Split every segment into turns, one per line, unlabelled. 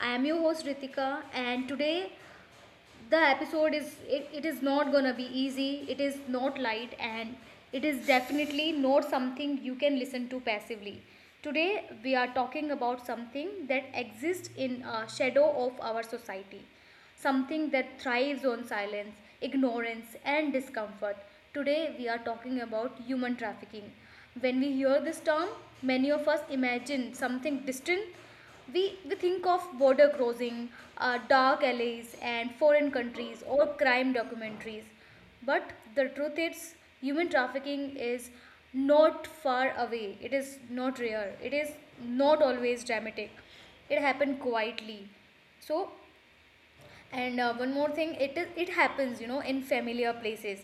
I am your host Ritika, and today the episode is it is not gonna be easy, it is not light, and it is definitely not something you can listen to passively. Today we are talking about something that exists in a shadow of our society, something that thrives on silence, ignorance, and discomfort. Today, we are talking about human trafficking. When we hear this term, many of us imagine something distant. We think of border crossing, dark alleys, and foreign countries or crime documentaries. But the truth is, human trafficking is not far away. It is not rare. It is not always dramatic. It happened quietly. So, and One more thing, it happens, in familiar places.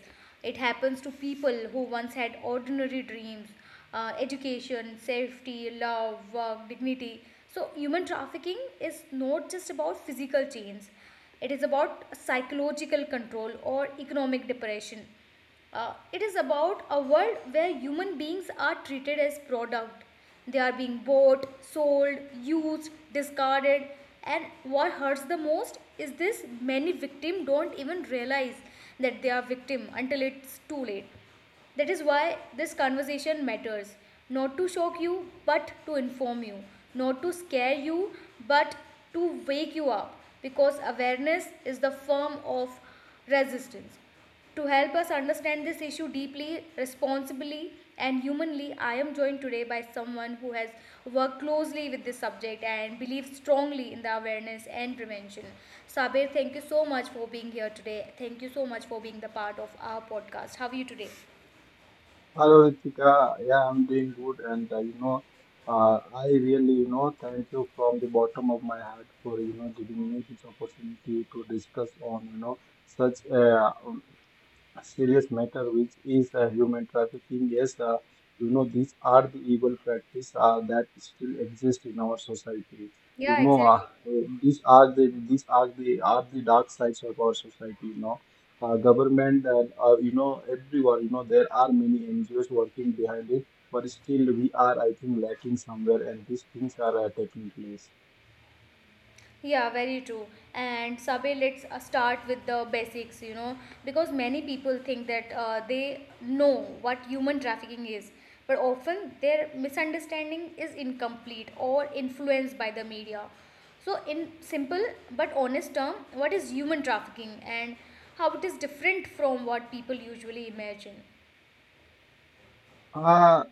It happens to people who once had ordinary dreams: education, safety, love, work, dignity. So human trafficking is not just about physical chains. It is about psychological control or economic depression. It is about a world where human beings are treated as product. They are being bought, sold, used, discarded. And what hurts the most is this: many victims don't even realize that they are victim until it's too late. That is why this conversation matters. Not to shock you, but to inform you. Not to scare you, but to wake you up. Because awareness is the form of resistance. To help us understand this issue deeply, responsibly, and humanly, I am joined today by someone who has worked closely with this subject and believes strongly in the awareness and prevention. Sabir, thank you so much for being here today. Thank you so much for being the part of our podcast. How are you today?
Hello, Ritika. Yeah, I'm doing good, and I really, thank you from the bottom of my heart for giving me this opportunity to discuss on such serious matter which is human trafficking. Yes, these are the evil practice that still exist in our society. you
Yeah,
know uh,
exactly.
these are the dark sides of our society. Government and everyone, there are many NGOs working behind it, but still we are, I think, lacking somewhere and these things are taking place.
Yeah, very true. And Sabe, let's start with the basics, you know, because many people think that they know what human trafficking is, but often their misunderstanding is incomplete or influenced by the media. So, in simple but honest term, what is human trafficking and how it is different from what people usually imagine?
Uh,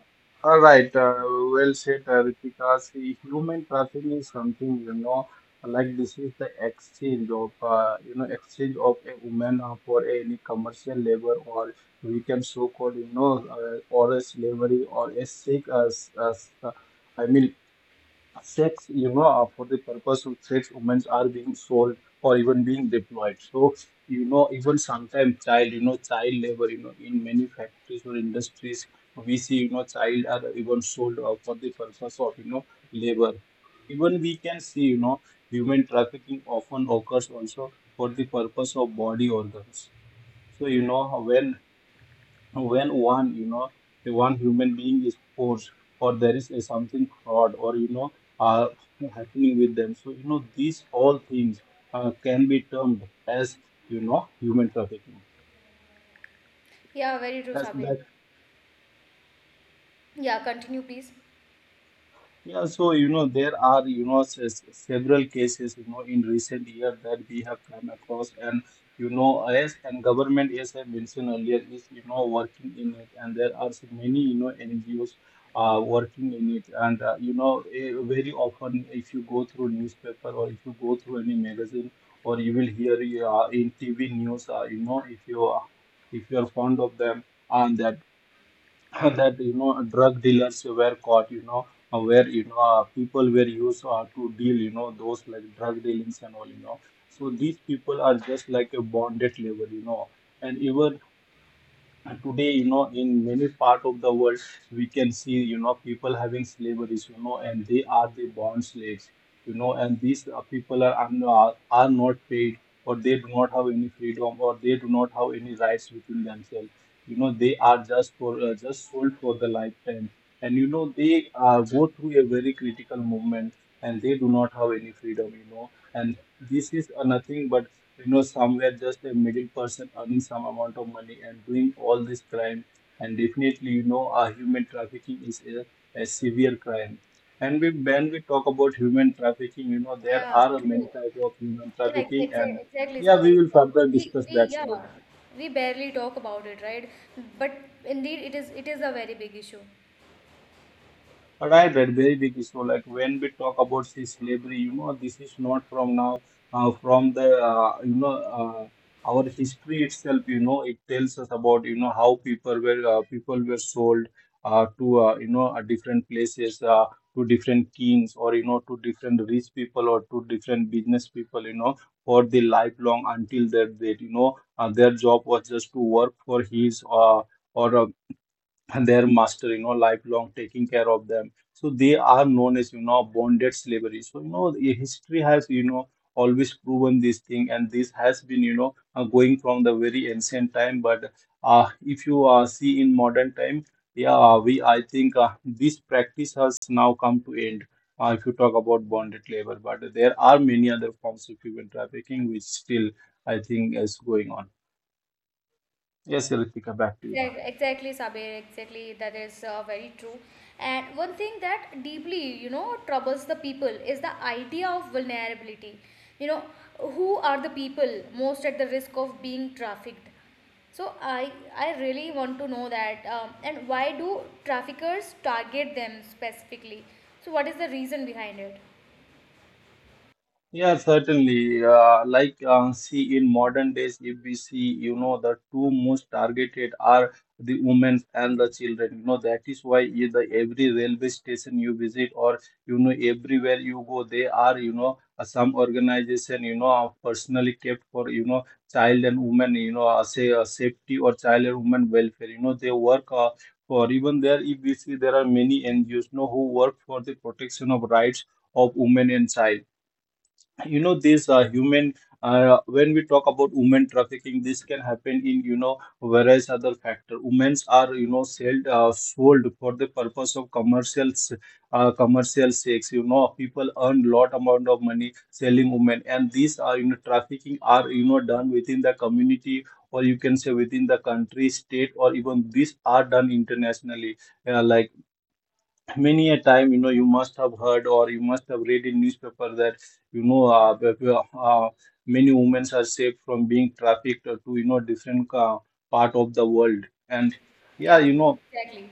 all right, well said, Ritika. See, human trafficking is something, this is the exchange of, exchange of a woman for any commercial labor, or we can so-called, or a slavery or a sick, s- s- I mean, sex. For the purpose of sex, women are being sold or even being deployed. So even sometimes child labor, in many factories or industries we see, child are even sold out for the purpose of labor. Even we can see, human trafficking often occurs also for the purpose of body organs. So you know when one you know one human being is forced or there is a something fraud or uh, happening with them, so these all things can be termed as human trafficking.
Yeah, very true,
That's
Sabe.
that.
Yeah, continue, please.
Yeah, so there are several cases in recent years that we have come across, and you know as and government, as I mentioned earlier, is working in it, and there are so many NGOs working in it, and very often, if you go through newspaper or if you go through any magazine, or you will hear in TV news, if you are, if you are fond of them. And that and that you know Drug dealers were caught, you know where you know people were used to deal, those like drug dealings and all. So these people are just like a bonded labor, and even and today, in many part of the world we can see, people having slaveries, and they are the bond slaves, and these people are are not paid, or they do not have any freedom, or they do not have any rights within themselves. They are just for just sold for the lifetime, and you know they go through a very critical movement and they do not have any freedom, and this is nothing but somewhere just a middle person earning some amount of money and doing all this crime. And definitely, human trafficking is a severe crime, and we, when we talk about human trafficking, there
Yeah,
are
true.
many types of human
Yeah,
trafficking, and
exactly,
yeah,
Sabe.
we will
Exactly.
further discuss that
Yeah,
slowly.
we barely talk about it, right? But indeed, it is a very big issue.
Right, right, very big issue. Like when we talk about the slavery, this is not from now, from the, our history itself, it tells us about, how people were sold to, different places, to different kings, or, to different rich people, or to different business people, for the lifelong until their date. Their job was just to work for his, or and their master, lifelong taking care of them. So they are known as, bonded slavery. So, history has, always proven this thing, and this has been, going from the very ancient time. But if you see in modern time, yeah, we I think this practice has now come to end. If you talk about bonded labor, but there are many other forms of human trafficking which still I think is going on. Yes, Ritika, back to you now.
Exactly, Sabir. Exactly, that is very true. And one thing that deeply, you know, troubles the people is the idea of vulnerability. You know, who are the people most at the risk of being trafficked? So I really want to know that. And why do traffickers target them specifically? So what is the reason behind it?
Yeah, certainly. See, in modern days, if we see, the two most targeted are the women and the children. You know, that is why in the every railway station you visit, or, everywhere you go, they are, some organization, are personally kept for, child and women, you know, say safety, or child and women welfare. You know, they work for even there, if we see, there are many NGOs, who work for the protection of rights of women and child. You know this human When we talk about women trafficking, this can happen in, various other factor. Women's are, sold sold for the purpose of commercial commercial sex. People earn lot amount of money selling women, and these are, trafficking are, done within the community, or you can say within the country, state, or even these are done internationally. Like many a time, you must have heard or you must have read in newspaper that you know uh, b- b- uh, many women are saved from being trafficked to, different part of the world. And yeah,
Yeah, exactly.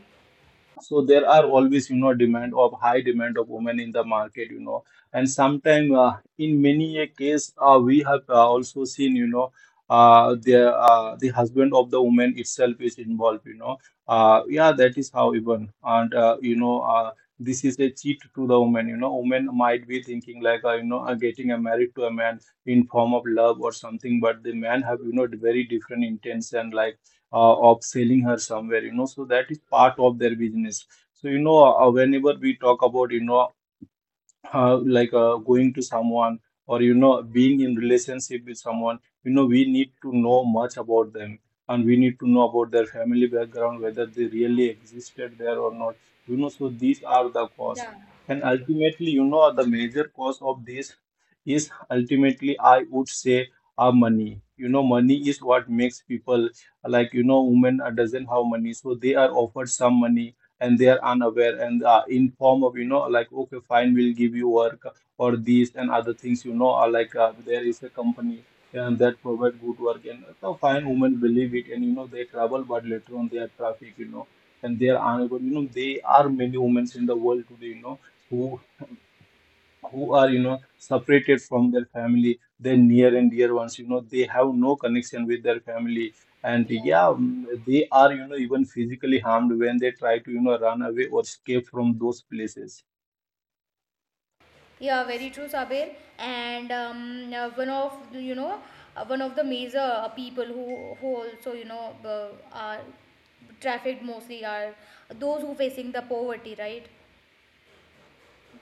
so there are always, demand of high demand of women in the market, and sometime in many a case we have also seen, the husband of the woman itself is involved, yeah, that is how. Even and this is a cheat to the woman. Women might be thinking like, getting a married to a man in form of love or something, but the man have, very different intention, like of selling her somewhere. So that is part of their business. So whenever we talk about, going to someone, or being in relationship with someone, we need to know much about them, and we need to know about their family background, whether they really existed there or not. So these are the costs,
Yeah,
and ultimately, the major cost of this is ultimately, I would say, our money. Money is what makes people, like, women doesn't have money, so they are offered some money, and they are unaware, and in form of, like, okay, fine, we'll give you work, or these and other things, are like there is a company and that provide good work, and the fine women believe it, and they travel, but later on they are traffic, and they are unable. They are many women in the world today, you know who who are, separated from their family, their near and dear ones. They have no connection with their family, and
yeah,
yeah, mm, they are, even physically harmed when they try to, run away or escape from those places.
yeah. Very true, Sabir. And one of you know, one of the major people who also, you know, are trafficked mostly are those who facing the poverty, right?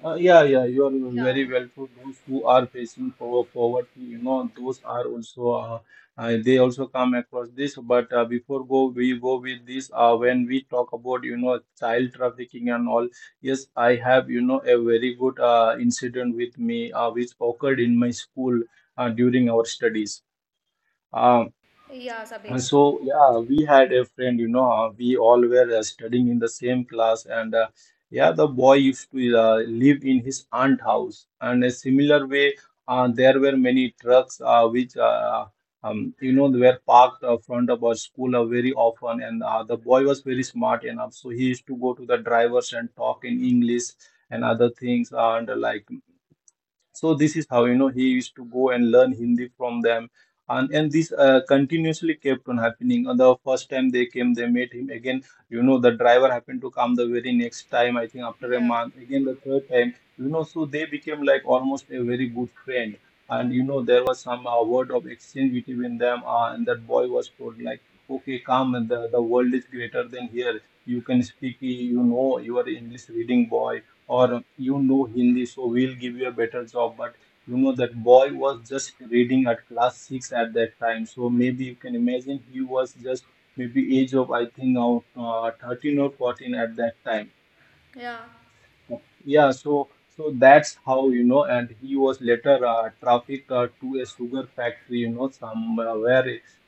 Yeah, yeah, you are very
Yeah,
well true. Those who are facing poverty, those are also they also come across this. But before we go with this, when we talk about child trafficking and all, yes, I have a very good incident with me, which occurred in my school during our studies. Uh,
yeah,
and
Sabir.
so, yeah, we had a friend, we all were studying in the same class, and yeah, the boy used to live in his aunt house. And a similar way, there were many trucks which they were parked in front of our school very often. And the boy was very smart enough, so he used to go to the drivers and talk in English and other things, and so this is how, he used to go and learn Hindi from them, and this continuously kept on happening. And the first time they came, they met him again. You know, the driver happened to come the very next time. I think after a
Yeah,
month, again the third time. You know, so they became like almost a very good friend. And you know, there was some word of exchange between them, and that boy was told like, "Okay, come, the world is greater than here. You can speak. You know, you are English reading boy," or you know Hindi, so we'll give you a better job. But you know, that boy was just reading at class 6 at that time. So maybe you can imagine he was just maybe age of, I think, now 13 or 14 at that time.
yeah,
Yeah, so that's how you know, and he was later trafficked to a sugar factory, you know, somewhere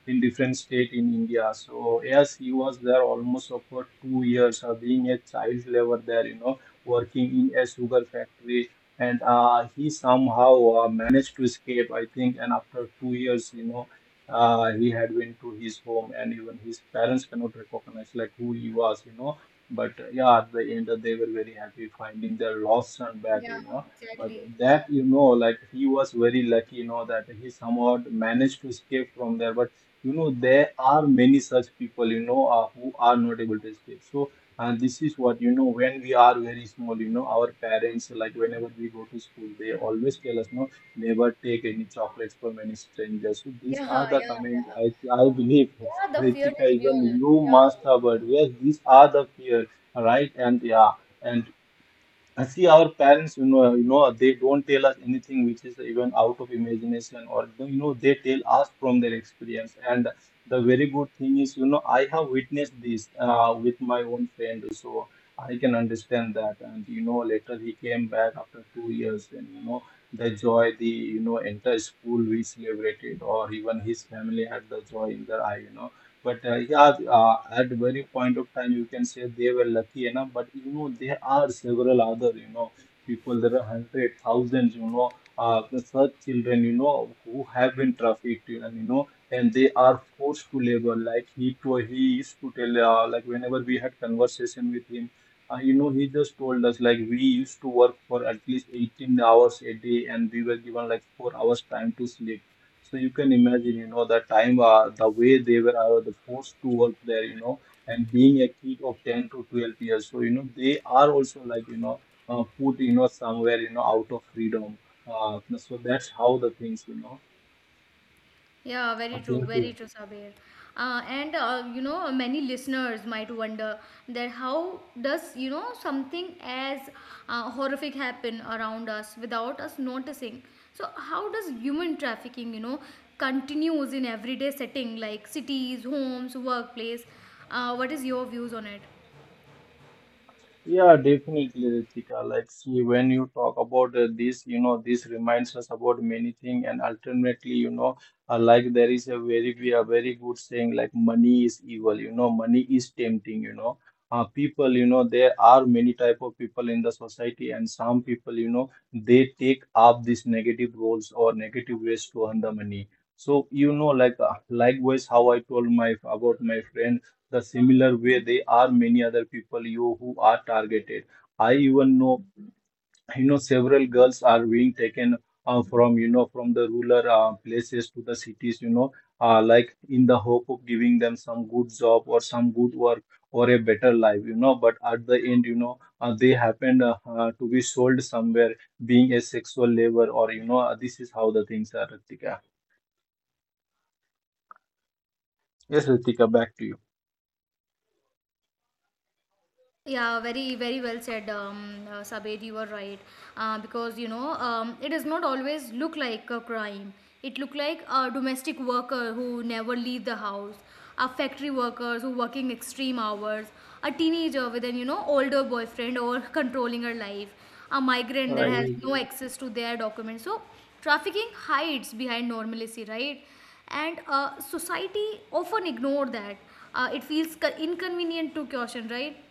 in different state in India. So yes, he was there almost for 2 years, being a child labor there, you know, working in a sugar factory, and he somehow managed to escape, I think. And after 2 years, you know, he had went to his home, and even his parents cannot recognize like who he was, you know, but yeah, at the end, they were very happy finding their lost son back,
yeah.
you know. But
Exactly.
that, you know, like he was very lucky, you know, that he somehow managed to escape from there. But you know, there are many such people, you know, who are not able to escape. So, and this is what, you know, when we are very small, you know, our parents, like whenever we go to school, they always tell us, no, never take any chocolates from any strangers. So, these
Yeah,
are
yeah,
the comments
yeah.
I believe,
Yeah, the fear
Ritika,
is real.
even you
Yeah,
must
true.
have heard. Yes, these are the fear, right? And yeah, and I see our parents, you know, they don't tell us anything which is even out of imagination, or you know, they tell us from their experience. And the very good thing is, you know, I have witnessed this with my own friend, so I can understand that. And you know, later he came back after 2 years, and you know, the joy, the, you know, entire school we celebrated, or even his family had the joy in their eye, you know, but yeah, at very point of time, you can say they were lucky enough. But you know, there are several other, you know, people. There are hundred thousands, you know, the such children, you know, who have been trafficked, and you know, and they are forced to labor. Like he told, he used to tell, like whenever we had conversation with him, you know, he just told us like we used to work for at least 18 hours a day, and we were given like 4 hours time to sleep, so you can imagine, you know, the time, the way they were the forced to work there, you know, and being a kid of 10 to 12 years. So, you know, they are also like, you know, put, you know, somewhere, you know, out of freedom. So that's how the things, you know,
Yeah,
I think.
very true, Sabir. And you know, many listeners might wonder that how does, you know, something as horrific happen around us without us noticing? So how does human trafficking, you know, continues in everyday setting like cities, homes, workplace? What is your views on it?
Yeah, definitely, Ritika. Like, see, when you talk about this, you know, this reminds us about many things, and ultimately, you know, like there is a very, we are very good saying like money is evil. You know, money is tempting. You know, people, you know, there are many type of people in the society, and some people, you know, they take up these negative roles or negative ways to earn the money. So, you know, like likewise, how I told my about my friend, the similar way there are many other people, you, who are targeted. I even know, you know, several girls are being taken from, you know, from the rural places to the cities, you know, like in the hope of giving them some good job or some good work or a better life, you know, but at the end, you know, they happened to be sold somewhere being a sexual labor, or you know, this is how the things are, Ritika. Yes, Ritika, back to you.
Yeah, very well said, Sabed. You were right, because, you know, it does not always look like a crime. It look like a domestic worker who never leave the house, a factory workers who working extreme hours, a teenager with an, you know, older boyfriend or controlling her life, a migrant
All
that has
right.
no access to their documents. So trafficking hides behind normalcy, right? And society often ignore that. It feels inconvenient to caution, right?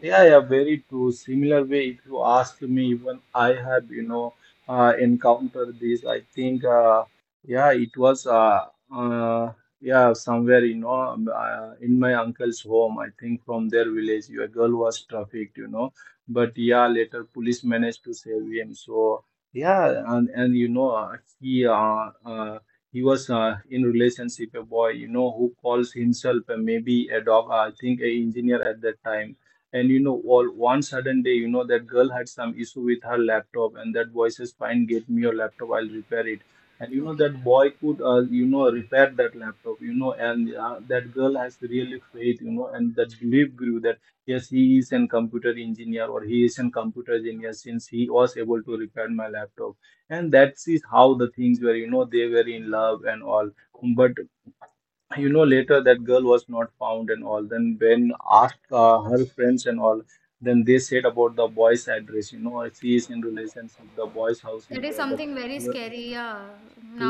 Yeah, yeah, very true. Similar way, if you ask me, even I have, you know, encountered this. I think, yeah, it was, uh, yeah, somewhere, you know, in my uncle's home. I think from their village, your girl was trafficked, you know. But yeah, later police managed to save him. So yeah, and you know, he was in relationship a boy, you know, who calls himself maybe a dog. I think a engineer at that time, and you know, all one sudden day, you know, that girl had some issue with her laptop, and that boy says, fine, get me your laptop, I'll repair it. And you know,
Okay.
that boy could, you know, repair that laptop, you know. And that girl has really faith, you know, and that belief grew that yes, he is an computer engineer, or he is an computer engineer, since he was able to repair my laptop. And that is how the things were, you know, they were in love and all, but you know, later that girl was not found and all. Then when asked her friends and all, then they said about the boy's address, you know, she is in relationship, the boy's house
That
is
is
there. But
something very scary, yeah.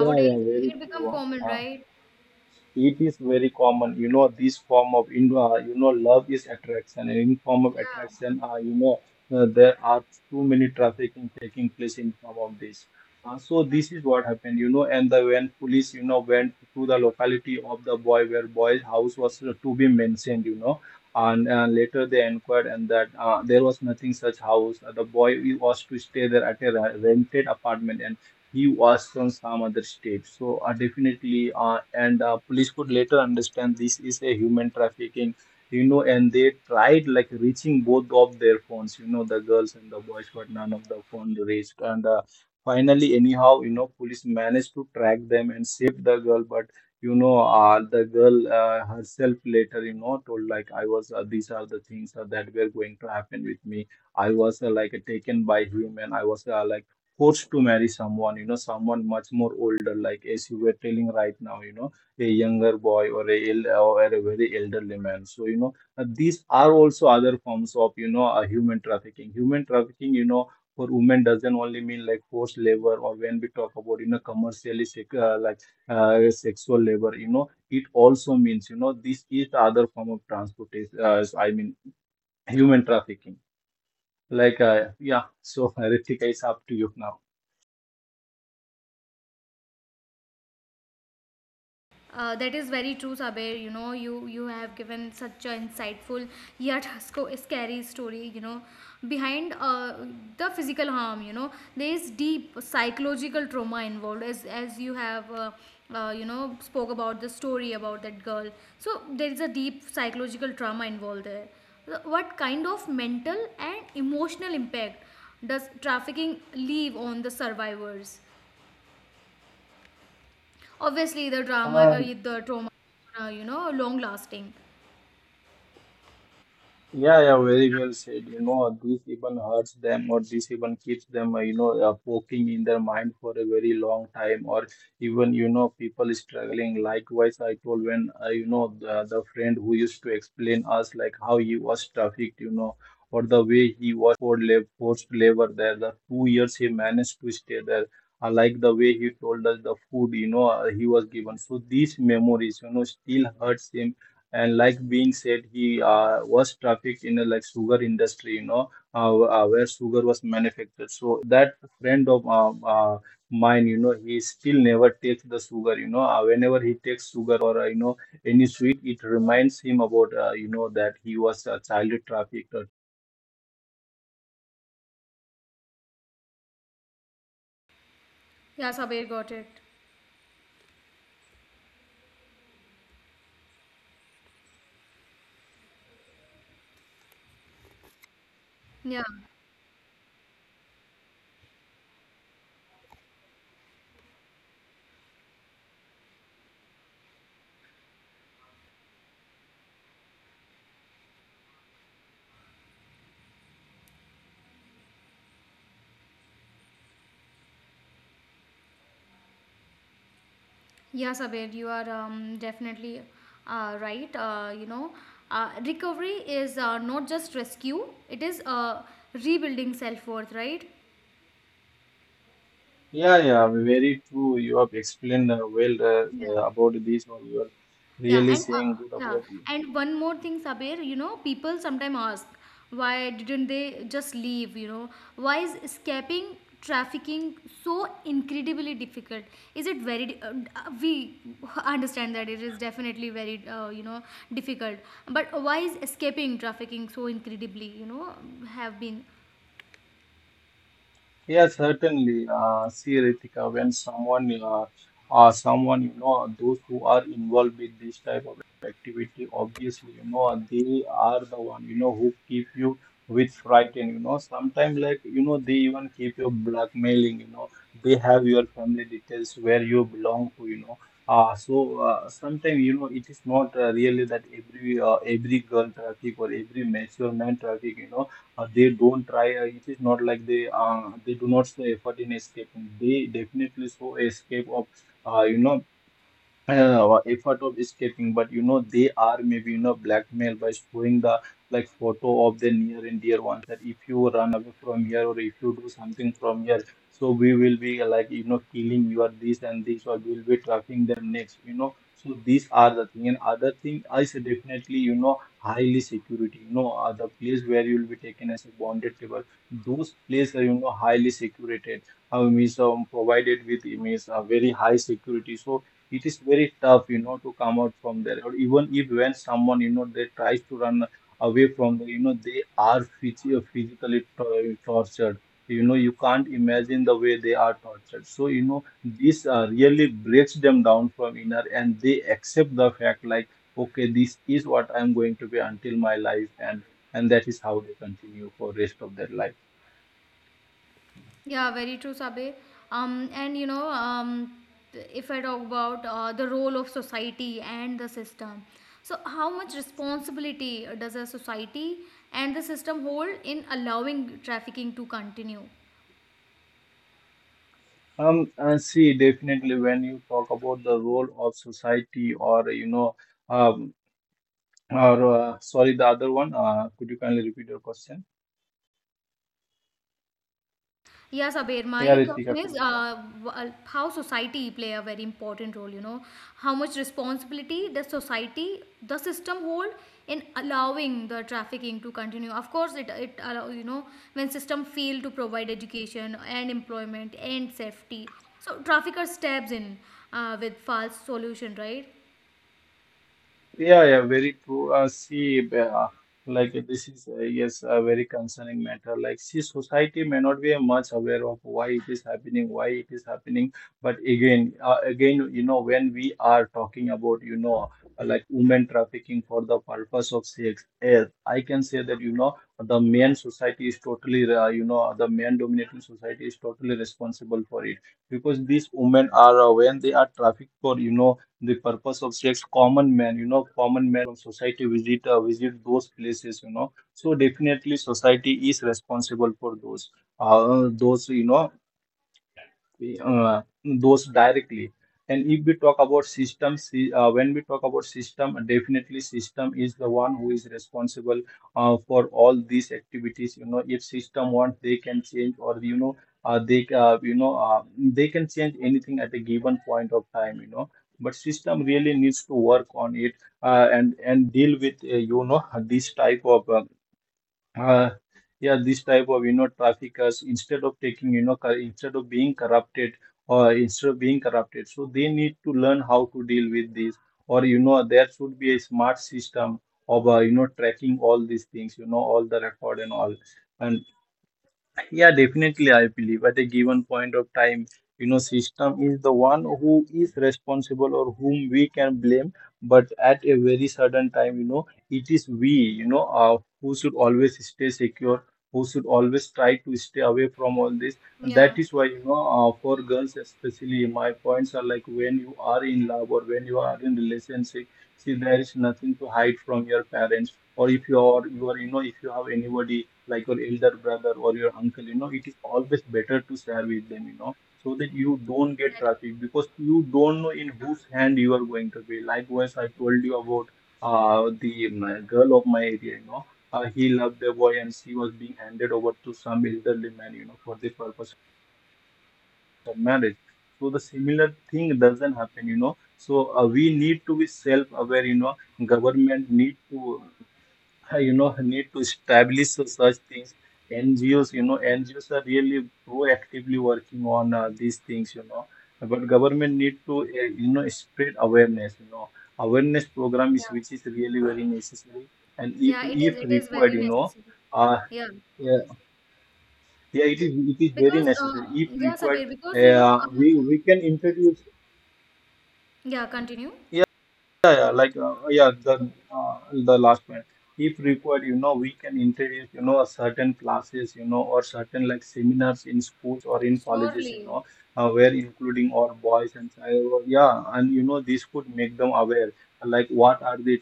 yeah, yeah, very
it
true,
become common,
uh,
right?
it is very common, you know, this form of, you know, love is attraction, and in form of
Yeah.
attraction, you know, there are too many trafficking taking place in form of this, so this is what happened, you know. And the when police, you know, went to the locality of the boy, where boy's house was to be mentioned, you know, and later they inquired, and that there was nothing such house. The boy was to stay there at a rented apartment, and he was from some other state. So definitely, and police could later understand this is a human trafficking, you know, and they tried like reaching both of their phones, you know, the girls and the boys, but none of the phone reached. And finally, anyhow, you know, police managed to track them and save the girl, but you know, the girl herself later, you know, told like I was. These are the things that were going to happen with me. I was like taken by him, and I was like forced to marry someone, you know, someone much more older, like as you were telling right now, you know, a younger boy or or a very elderly man. So, you know, these are also other forms of, you know, human trafficking. Human trafficking, you know, for women doesn't only mean like forced labor, or when we talk about, you know, like sexual labor, you know, it also means, you know, this is the other form of transportation, I mean, human trafficking. Like, yeah, so Ritika, it's up to you now.
That is very true, Sabir. You know, you have given such an insightful yet scary story. You know, behind the physical harm, you know, there is deep psychological trauma involved, as you have. You know, spoke about the story about that girl, so there is a deep psychological trauma involved there. So what kind of mental and emotional impact does trafficking leave on the survivors? Obviously,
Uh,
the trauma, you know, long lasting.
yeah, yeah, very well said. You know, this even hurts them, or this even keeps them, you know, poking in their mind for a very long time, or even, you know, people struggling. Likewise, I told when, you know, the friend who used to explain us like how he was trafficked, you know, or the way he was forced labor there, the 2 years he managed to stay there. I like the way he told us the food, you know, he was given. So these memories, you know, still hurts him. And like being said, he was trafficked in a like sugar industry, you know, where sugar was manufactured. So that friend of mine, you know, he still never takes the sugar, you know, whenever he takes sugar or you know any sweet, it reminds him about, you know, that he was child trafficked.
Yeah, Sabir, got it. Yeah, yeah, Sabir, you are definitely right. You know, recovery is not just rescue; it is rebuilding self worth, right?
Yeah, yeah, very true. You have explained well
Yeah.
about this one. You are
Yeah,
really
and
saying good
yeah,
about.
and one more thing, Sabir, you know, people sometimes ask why didn't they just leave, you know? Why is escaping trafficking so incredibly difficult? Is it very we understand that it is definitely very, you know, difficult, but why is escaping trafficking so incredibly, you know, have been.
Yes, certainly. See, Ritika, when someone, you know, those who are involved with this type of activity, obviously, you know, they are the one, you know, who keep you with frightened, you know. Sometimes, like, you know, they even keep you blackmailing, you know. They have your family details where you belong to, you know. So sometimes, you know, it is not really that every girl traffic or every mature man traffic, you know, they don't try. It is not like they do not show effort in escaping. They definitely show escape of uh, you know I don't know, effort of escaping, but they are maybe, blackmailed by showing the like photo of the near and dear ones that if you run away from here or if you do something from here, so we will be like, killing you or this and this, or we'll be trapping them next. So these are the thing. And other thing is definitely, highly security, the place where you'll be taken as a bonded table. Those places are, highly security. I mean, so provided with means very high security. So it is very tough to come out from there, or even if when someone they tries to run away from there, they are physically tortured. You can't imagine the way they are tortured, so this really breaks them down from inner, and they accept the fact like, okay, this is what I'm going to be until my life, and that is how they continue for rest of their life
Yeah, very true, Sabe. And you know, if I talk about the role of society and the system, so how much responsibility does a society and the system hold in allowing trafficking to continue?
um And see, definitely when you talk about the role of society or um, Or sorry, the other one. Could you kindly repeat your question?
Yeah, Sabir,
Yeah,
my question
Ritika,
is,
could you?
how society play a very important role, you know. How much responsibility does society, the system, hold in allowing the trafficking to continue? Of course, it allow, you know, when system fail to provide education and employment and safety. So trafficker steps in with false solution, right?
Yeah, yeah, very true. See, like this is yes, a very concerning matter. Like, see, society may not be much aware of why it is happening, why it is happening. But again, when we are talking about, like women trafficking for the purpose of sex, yes, I can say that, the main society is totally, the main dominating society is totally responsible for it, because these women are, when they are trafficked for, the purpose of sex, common man society visit those places, so definitely society is responsible for those you know those directly. And if we talk about systems, when we talk about system, definitely system is the one who is responsible for all these activities. If system wants, they can change or you know they you know they can change anything at a given point of time, but system really needs to work on it, and deal with this type of uh, yeah, this type of traffickers, instead of taking you know cor- instead of being corrupted or instead of being corrupted. So they need to learn how to deal with this, or there should be a smart system of tracking all these things, all the record and all and. Yeah, definitely, I believe at a given point of time, system is the one who is responsible or whom we can blame. But at a very certain time, it is we, who should always stay secure, who should always try to stay away from all this. And
Yeah,
that is why, for girls especially, my points are like, when you are in love or when you are in relationship, see, there is nothing to hide from your parents. Or if if you have anybody like your elder brother or your uncle, it is always better to share with them, so that you don't get
exactly.
traffic, because you don't know in whose hand you are going to be. Likewise, I told you about the girl of my area. He loved a boy and she was being handed over to some elderly man, for the purpose of marriage. So the similar thing doesn't happen. So we need to be self-aware. Government need to I, need to establish such things. NGOs, NGOs are really proactively working on these things. But government need to, spread awareness. Awareness program is
Yeah,
which is really very necessary, and if
yeah, it is,
if
it is
required,
very necessary.
uh,
Yeah,
yeah, yeah, it is, very
because,
necessary. If
yeah,
required,
Sabir, because, you know,
we can introduce.
yeah, continue.
Yeah, yeah, like yeah, the last point. If required, we can introduce, a certain classes, or certain like seminars in schools or in colleges,
Surely.
where including all boys and child, yeah, and this could make them aware, like what are the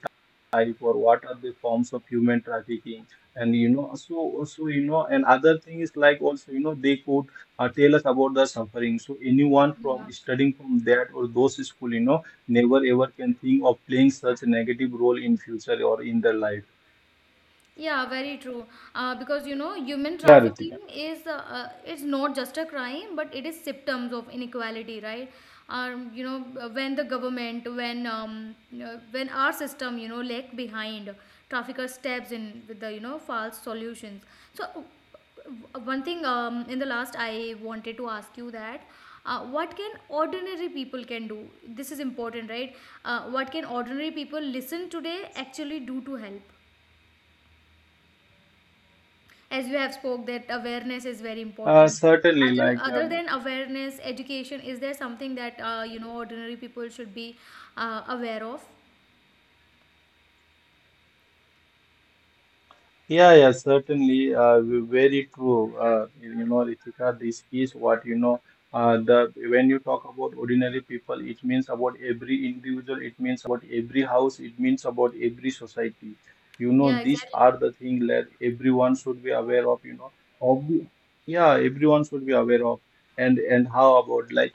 type or what are the forms of human trafficking, and and other thing is like also, they could tell us about the suffering. So anyone
Yeah.
from studying from that or those school, never ever can think of playing such a negative role in future or in their life.
Yeah, very true. Because, you know, human
Yeah,
trafficking
Ritika.
is it's not just a crime, but it is symptoms of inequality, right? You know, when the government, when our system, you know, lag behind, trafficker steps in with the, you know, false solutions. So, one thing, in the last, I wanted to ask you that. What can ordinary people can do? This is important, right? What can ordinary people listen today actually do to help, as you have spoke that awareness is very important?
Certainly,
Other,
like
other than awareness education, is there something that, you know, ordinary people should be, aware of?
yeah, yeah, certainly, very true. Ritika, this is what you know. The When you talk about ordinary people, it means about every individual. It means about every house. It means about every society.
Yeah,
These
exactly.
are the things that everyone should be aware of. Of yeah, everyone should be aware of, and how about like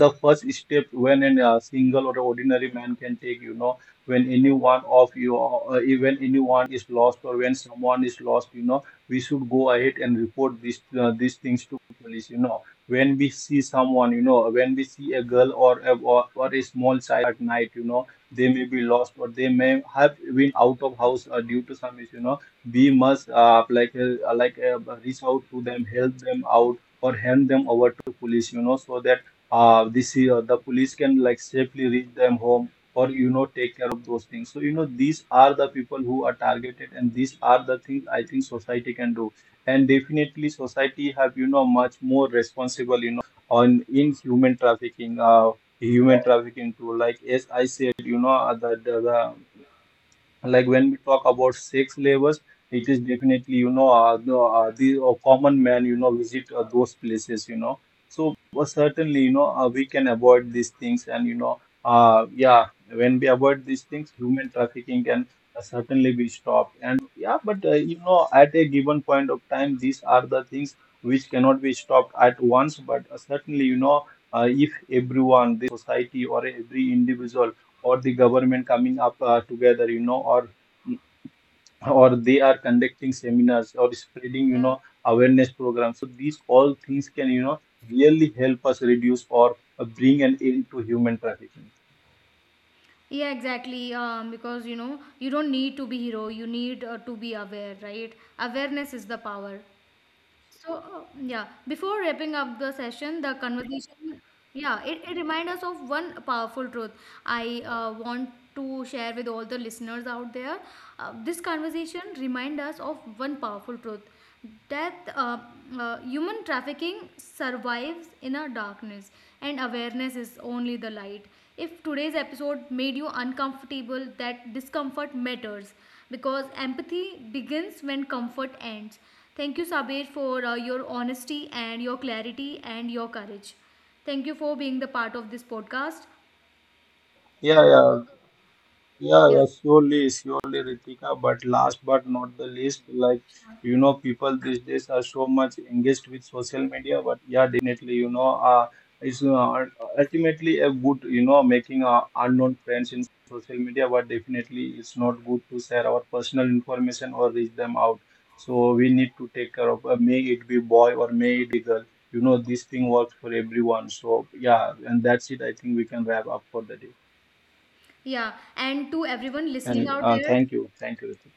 the first step when a single or ordinary man can take. When anyone of you when anyone is lost, or when someone is lost, we should go ahead and report these things to police. When we see someone, when we see a girl or a small child at night, they may be lost or they may have been out of house due to some issue, we must reach out to them, help them out or hand them over to police, so that this the police can like safely reach them home, or take care of those things. So these are the people who are targeted, and these are the things I think society can do. And definitely society have, much more responsible you on in human trafficking, human trafficking too, like as I said, like when we talk about sex labors, it is definitely, you know the common man, visit those places, so certainly, we can avoid these things, and yeah, when we avoid these things, human trafficking can certainly be stopped. And yeah, but at a given point of time, these are the things which cannot be stopped at once, but certainly, if everyone, the society or every individual or the government coming up together, or they are conducting seminars or spreading
Yeah,
awareness programs, these all things can really help us reduce or bring an end to human trafficking.
yeah, exactly. Because, you know, you don't need to be hero. You need to be aware, right? Awareness is the power. So, yeah, before wrapping up the session, the conversation, yeah, it reminds us of one powerful truth I want to share with all the listeners out there. This conversation reminds us of one powerful truth that human trafficking survives in a darkness, and awareness is only the light. If today's episode made you uncomfortable, that discomfort matters because empathy begins when comfort ends. Thank you, Sabir, for your honesty and your clarity and your courage. Thank you for being the part of this podcast.
Yeah, yeah, yeah, yeah, surely, surely, Ritika. But last but not the least, like, people these days are so much engaged with social media. But yeah, definitely, it's ultimately a good, making unknown friends in social media. But definitely, it's not good to share our personal information or reach them out. So we need to take care of, may it be boy or may it girl. This thing works for everyone. So yeah, and that's it. I think we can wrap up for the day.
Yeah, and to everyone listening
And
out there,
thank you, Ritik.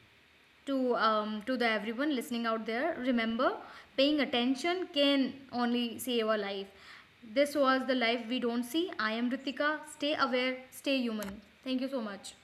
to the everyone listening out there, remember, paying attention can only save a life. This was the life we don't see. I am Ritika. Stay aware, stay human. Thank you so much.